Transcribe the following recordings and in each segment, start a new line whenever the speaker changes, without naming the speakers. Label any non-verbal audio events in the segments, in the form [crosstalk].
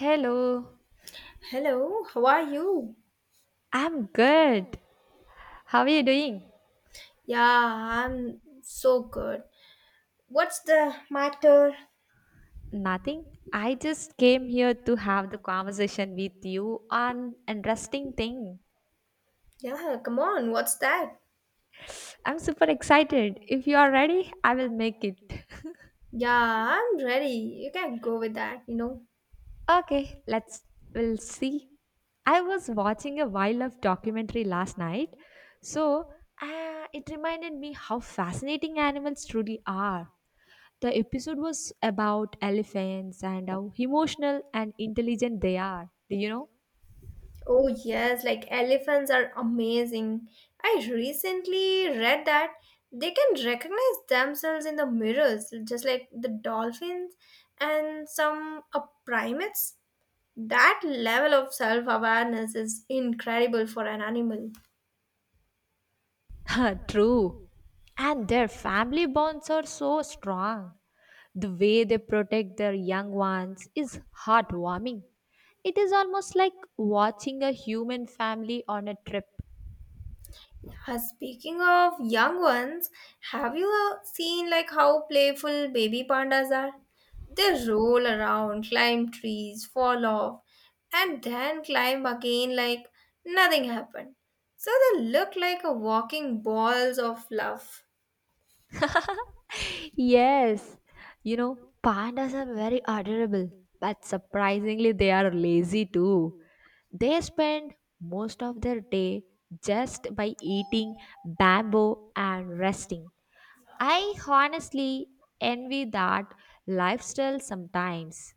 Hello,
Hello, how are you?
I'm good. How are you doing?
Yeah, I'm so good. What's the matter?
Nothing. I just came here to have the conversation with you on interesting thing.
Yeah, come on, what's that?
I'm super excited. If you are ready, I will make it. [laughs]
Yeah, I'm ready. You can go with that, you know.
Okay, let's we'll see. I was watching a wildlife documentary last night, so it reminded me how fascinating animals truly are. The episode was about elephants and how emotional and intelligent they are. Do you know?
Oh, yes, like elephants are amazing. I recently read that they can recognize themselves in the mirrors, just like the dolphins and some primates. That level of self awareness is incredible for an animal.
[laughs] True. And their family bonds are so strong. The way they protect their young ones is heartwarming. It is almost like watching a human family on a trip.
Speaking of young ones, have you seen like how playful baby pandas are? They roll around, climb trees, fall off, and then climb again like nothing happened. So they look like a walking balls of love.
Yes, you know, pandas are very adorable, but surprisingly, they are lazy too. They spend most of their day just by eating bamboo and resting. I honestly envy that lifestyle sometimes.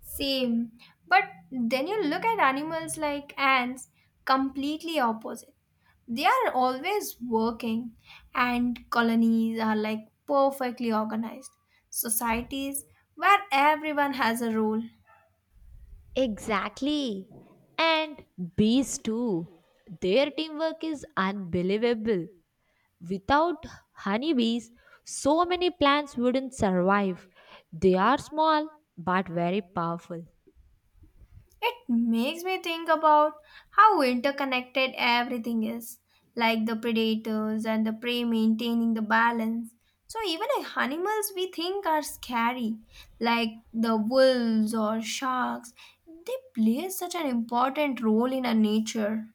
Same. But then you look at animals like ants, completely opposite. They are always working, and colonies are like perfectly organized societies where everyone has a role.
Exactly. And bees too. Their teamwork is unbelievable. Without honeybees, so many plants wouldn't survive. They are small but very powerful.
It makes me think about how interconnected everything is, like the predators and the prey maintaining the balance. So, even the animals we think are scary, like the wolves or sharks, they play such an important role in our nature.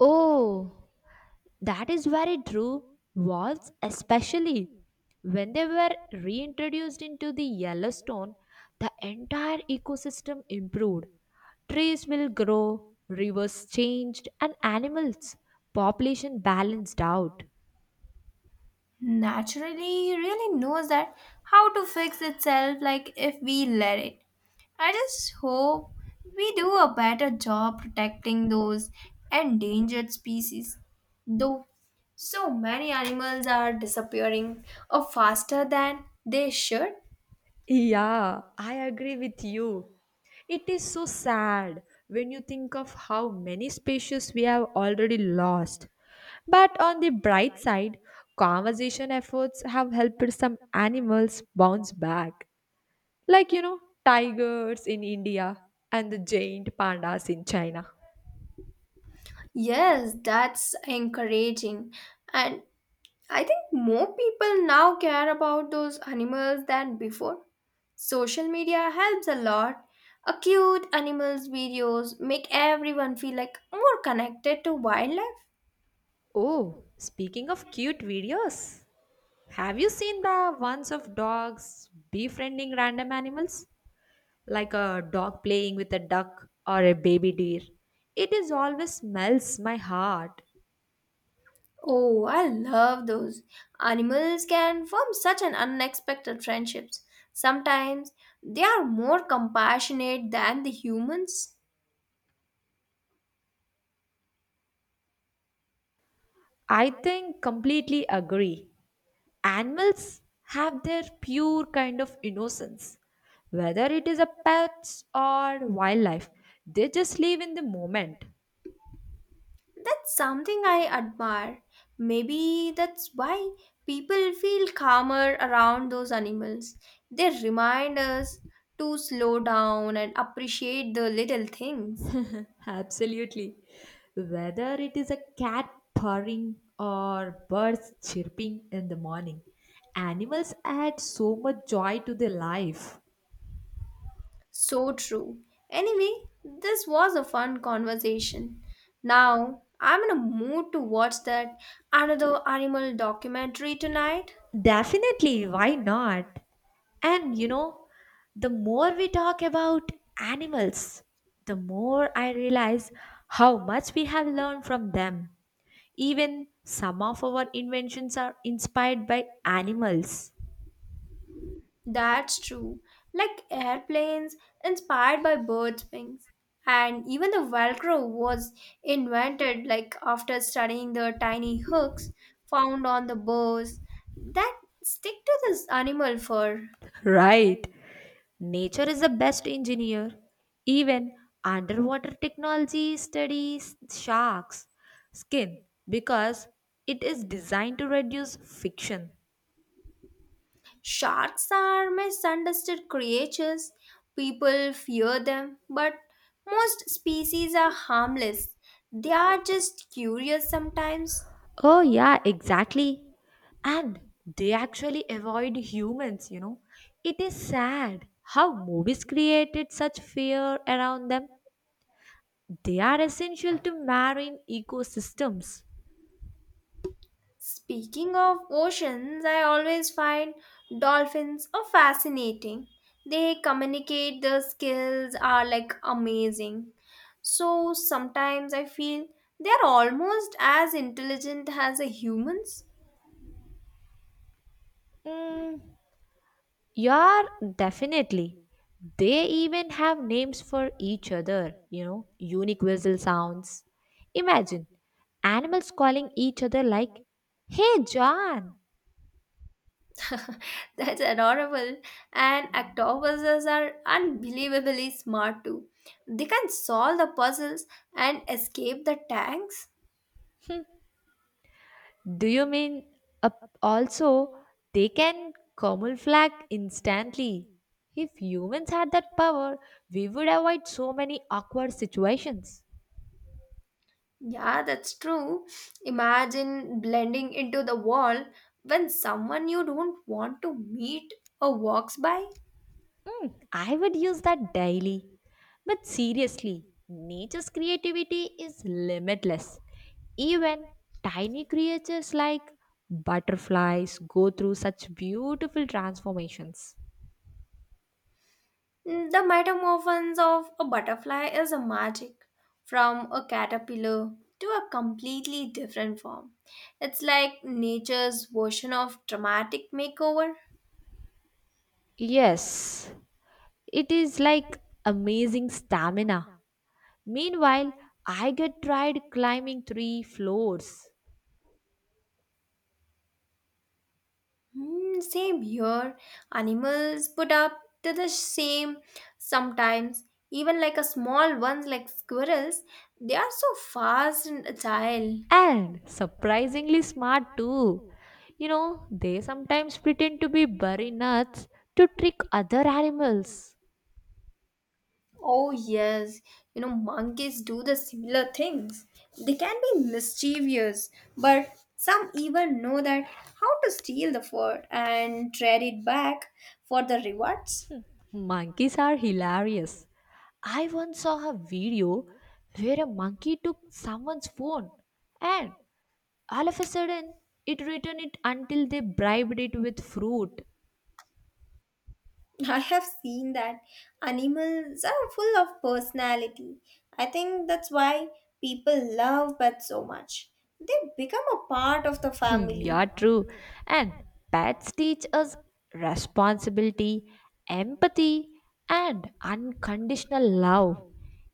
Oh, that is very true. Wolves, especially when they were reintroduced into the Yellowstone, the entire ecosystem improved. Trees will grow, rivers changed, and animals population balanced out.
Naturally, really knows that how to fix itself, like if we let it. I just hope we do a better job protecting those endangered species. Though so many animals are disappearing or faster than they should.
Yeah, I agree with you. It is so sad when you think of how many species we have already lost. But on the bright side, conservation efforts have helped some animals bounce back, like you know, tigers in India and the giant pandas in China.
Yes, that's encouraging. And I think more people now care about those animals than before. Social media helps a lot. A cute animals videos make everyone feel like more connected to wildlife.
Oh, speaking of cute videos, have you seen the ones of dogs befriending random animals? Like a dog playing with a duck or a baby deer. It is always melts my heart.
Oh, I love those. Animals can form such an unexpected friendships. Sometimes they are more compassionate than the humans.
I think completely agree. Animals have their pure kind of innocence. Whether it is a pets or wildlife, they just live in the moment.
That's something I admire. Maybe that's why people feel calmer around those animals. They remind us to slow down and appreciate the little things.
Absolutely. Whether it is a cat purring or birds chirping in the morning, animals add so much joy to their life.
So true. Anyway, this was a fun conversation. Now, I'm in a mood to watch that another animal documentary tonight.
Definitely, why not? And you know, the more we talk about animals, the more I realize how much we have learned from them. Even some of our inventions are inspired by animals.
That's true. Like airplanes inspired by birds' wings. And even the Velcro was invented like after studying the tiny hooks found on the bows that stick to this animal fur.
Right. Nature is the best engineer. Even underwater technology studies sharks' skin because it is designed to reduce friction.
Sharks are misunderstood creatures. People fear them, but most species are harmless. They are just curious sometimes.
Oh, yeah, exactly. And they actually avoid humans, you know. It is sad how movies created such fear around them. They are essential to marine ecosystems.
Speaking of oceans, I always find dolphins are fascinating. They communicate, their skills are like amazing. So sometimes I feel they are almost as intelligent as the humans.
Mm, yeah, definitely. They even have names for each other, you know, unique whistle sounds. Imagine animals calling each other like, "Hey, John!"
[laughs] That's adorable. And octopuses are unbelievably smart too. They can solve the puzzles and escape the tanks.
Do you mean uh, also they can camouflage instantly? If humans had that power, we would avoid so many awkward situations.
Yeah, that's true. Imagine blending into the wall when someone you don't want to meet or walks by.
Mm, I would use that daily. But seriously, nature's creativity is limitless. Even tiny creatures like butterflies go through such beautiful transformations.
Mm, the metamorphose of a butterfly is a magic from a caterpillar to a completely different form. It's like nature's version of dramatic makeover.
Yes, it is like amazing stamina. Meanwhile, I get tried climbing three floors
Hmm, same here. Animals put up to the same sometimes. Even like a small ones like squirrels, they are so fast and agile.
and surprisingly smart too. You know, they sometimes pretend to be very nuts to trick other animals.
Oh yes, you know monkeys do the similar things. They can be mischievous, but some even know that how to steal the fur and trade it back for the rewards.
Monkeys are hilarious. I once saw a video where a monkey took someone's phone and all of a sudden it returned it until they bribed it with fruit.
I have seen that animals are full of personality. I think that's why people love pets so much. They become a part of the
Hmm, you
family.
true. And pets teach us responsibility, empathy, and unconditional love.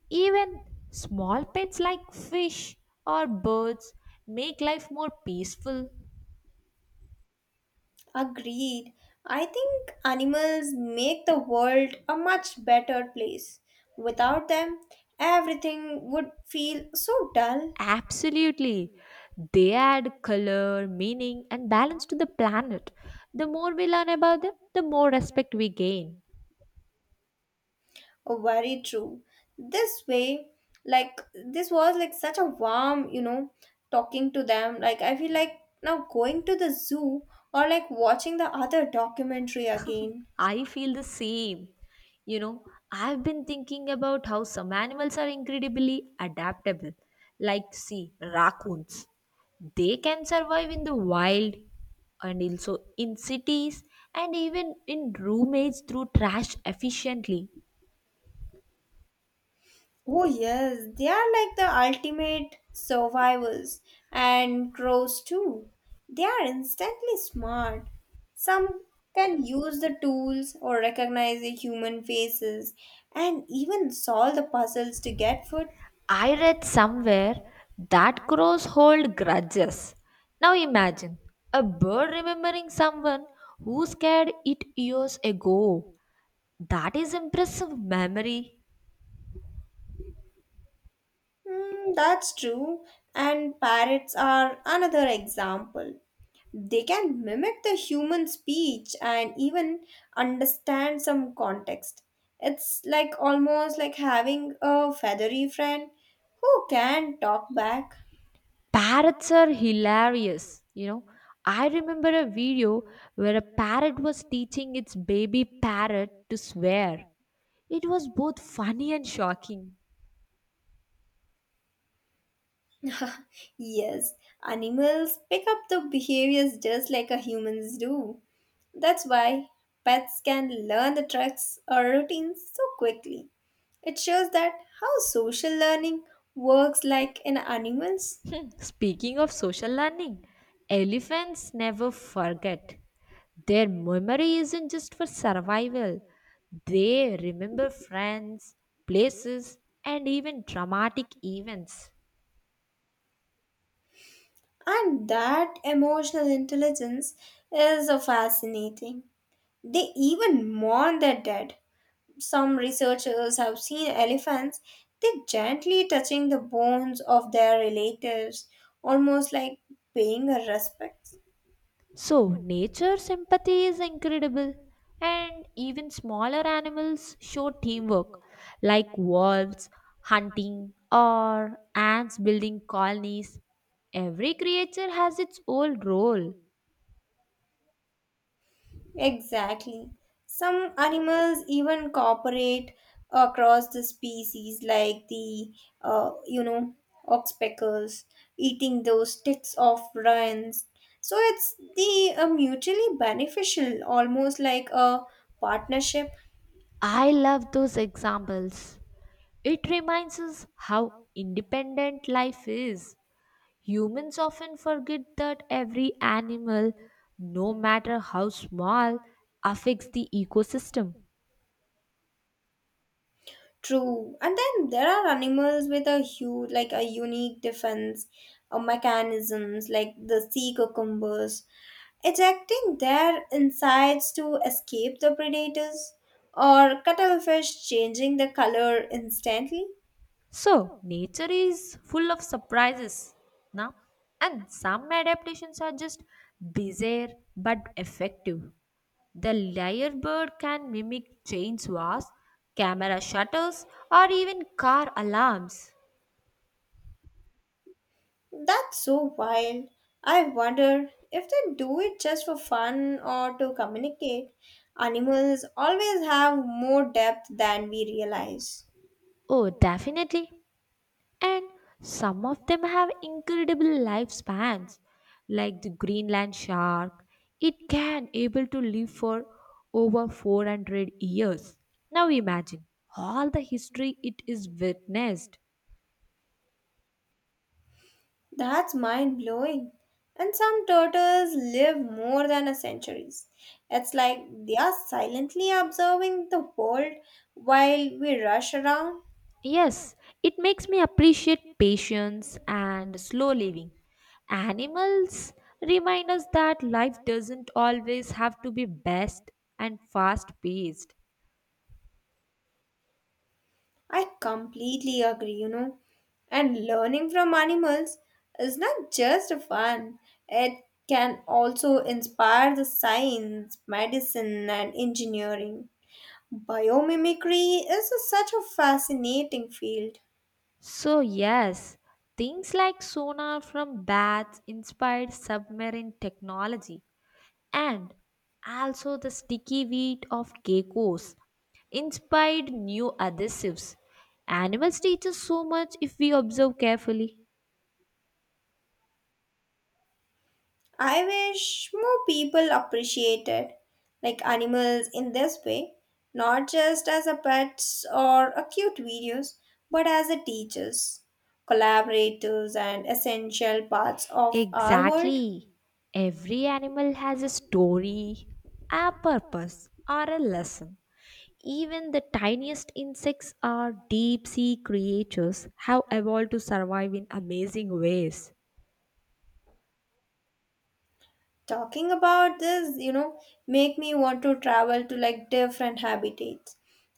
Even small pets like fish or birds make life more peaceful.
Agreed. I think animals make the world a much better place. Without them, everything would feel so dull.
Absolutely. They add color, meaning, and balance to the planet. The more we learn about them, the more respect we gain.
Oh, very true. This way, like this was like such a warm, you know, talking to them. Like I feel like now going to the zoo or like watching the other documentary again.
I feel the same. You know, I've been thinking about how some animals are incredibly adaptable. Like, see, raccoons. They can survive in the wild and also in cities and even in roommates through trash efficiently.
Oh yes, they are like the ultimate survivors and crows too. They are instantly smart. Some can use the tools or recognize the human faces and even solve the puzzles to get food.
I read somewhere that crows hold grudges. Now imagine a bird remembering someone who scared it years ago. That is impressive memory.
Hmm, that's true. And parrots are another example. They can mimic the human speech and even understand some context. It's like almost like having a feathery friend who can talk back.
Parrots are hilarious, you know. I remember a video where a parrot was teaching its baby parrot to swear. It was both funny and shocking.
[laughs] Yes, animals pick up the behaviors just like a humans do. That's why pets can learn the tricks or routines so quickly. It shows that how social learning works like in animals,
Hmm, speaking of social learning, elephants never forget. Their memory isn't just for survival, they remember friends, places, and even dramatic events.
and that emotional intelligence is fascinating. They even mourn their dead. Some researchers have seen elephants, they gently touching the bones of their relatives, almost like paying a respect.
So, nature's empathy is incredible, and even smaller animals show teamwork, like wolves hunting or ants building colonies. Every creature has its own role.
Exactly. Some animals even cooperate across the species, like the, uh, you know, oxpeckers eating those sticks of ruins. So it's the mutually beneficial, almost like a partnership.
I love those examples. It reminds us how independent life is. Humans often forget that every animal, no matter how small, affects the ecosystem.
True. And then there are animals with a huge, like a unique defense or mechanisms, like the sea cucumbers, ejecting their insides to escape the predators, or cuttlefish changing the color instantly.
So, nature is full of surprises now, and some adaptations are just bizarre but effective. The lyrebird can mimic chain swats, camera shutters, or even car alarms.
That's so wild. I wonder if they do it just for fun or to communicate. Animals always have more depth than we realize.
Oh, definitely. And some of them have incredible lifespans, like the Greenland shark. It can able to live for over 400 years. Now imagine all the history it is witnessed.
That's mind blowing. And some turtles live more than a century. It's like they are silently observing the world while we rush around.
Yes, it makes me appreciate patience and slow living. Animals remind us that life doesn't always have to be best and fast paced.
I completely agree, you know. And learning from animals is not just fun, it can also inspire the science, medicine, and engineering. Biomimicry is such a fascinating field.
So, yes, things like sonar from bats inspired submarine technology, and also the sticky wheat of geckos inspired new adhesives. Animals teach us so much if we observe carefully.
I wish more people appreciated like animals in this way, not just as a pets or a cute videos, but as a teachers, collaborators and essential parts of our world.
Exactly. Every animal has a story, a purpose, or a lesson. Even the tiniest insects are deep sea creatures, have evolved to survive in amazing ways.
Talking about this, you know, make me want to travel to like different habitats,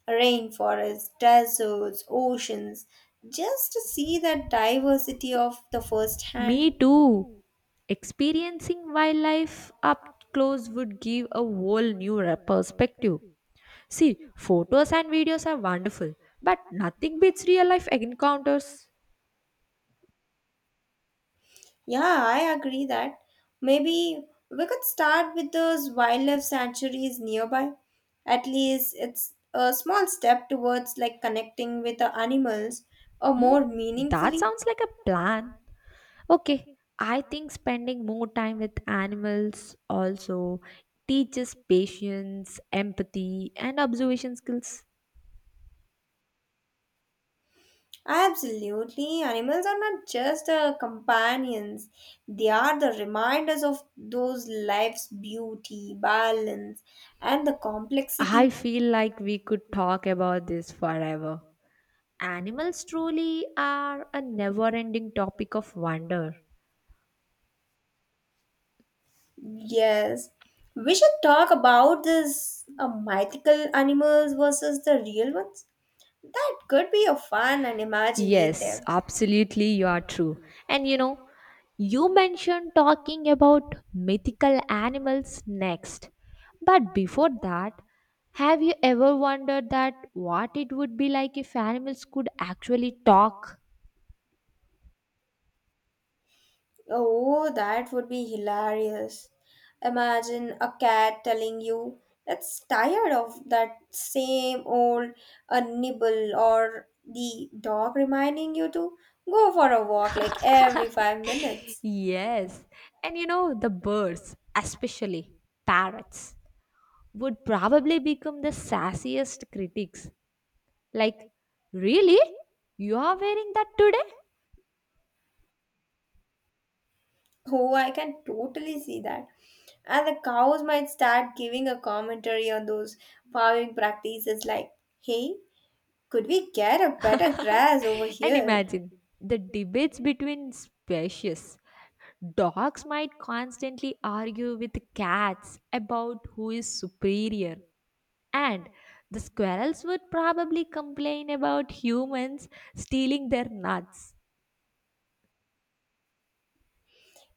rainforests, deserts, oceans, just to see that diversity of the first hand.
Me too! Experiencing wildlife up close would give a whole new perspective. See, photos and videos are wonderful, but nothing beats real life encounters.
Yeah, I agree that maybe we could start with those wildlife sanctuaries nearby. At least it's a small step towards like connecting with the animals or
Mm,
more
that
meaningfully.
sounds like a plan. Okay, I think spending more time with animals also teaches patience, empathy, and observation skills.
Absolutely, animals are not just companions, they are the reminders of those life's beauty, balance, and the
I
complexity.
feel like we could talk about this forever. Animals truly are a never ending topic of wonder.
Yes, we should talk about this mythical animals versus the real ones. That could be a fun and
Yes,
imaginative.
absolutely, you are true. And you know, you mentioned talking about mythical animals next. But before that, have you ever wondered that what it would be like if animals could actually talk?
Oh, that would be hilarious. Imagine a cat telling you it's tired of that same old nibble, or the dog reminding you to go for a walk like every 5 minutes.
Yes. And you know, the birds, especially parrots, would probably become the sassiest critics. Like, really? You are wearing that today?
Oh, I can totally see that. And the cows might start giving a commentary on those farming practices like, hey, could we get a better grass over
And
here?
imagine the debates between species. Dogs might constantly argue with cats about who is superior, and the squirrels would probably complain about humans stealing their nuts.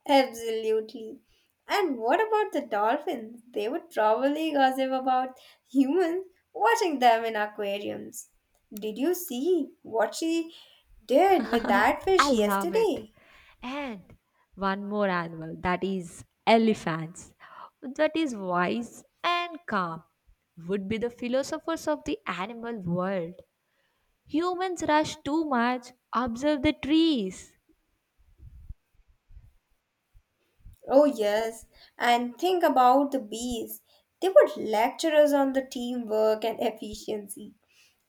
Absolutely. And what about the dolphins? They would probably gossip about humans watching them in aquariums. Did you see what she did with that
I
fish
love it.
yesterday?
And one more animal that is elephants, that is wise and calm, would be the philosophers of the animal world. Humans rush too much. Observe the trees.
Oh, yes. And think about the bees. They were lecturers on the teamwork and efficiency.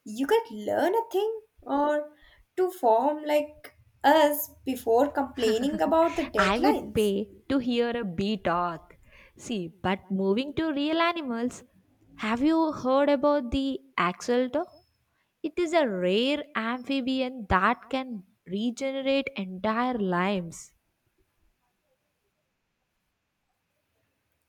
You could learn a thing or to form like us before complaining about the
I would
deadlines.
pay to hear a bee talk. See, but moving to real animals, have you heard about the axolotl? It is a rare amphibian that can regenerate entire limbs.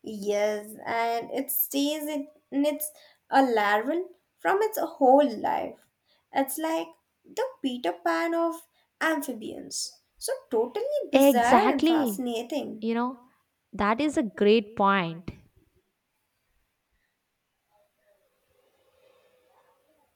Yes, and it stays in its a larval from its whole life. It's like the Peter Pan of amphibians. So totally bizarre and
Exactly.
fascinating.
You know, that is a great point.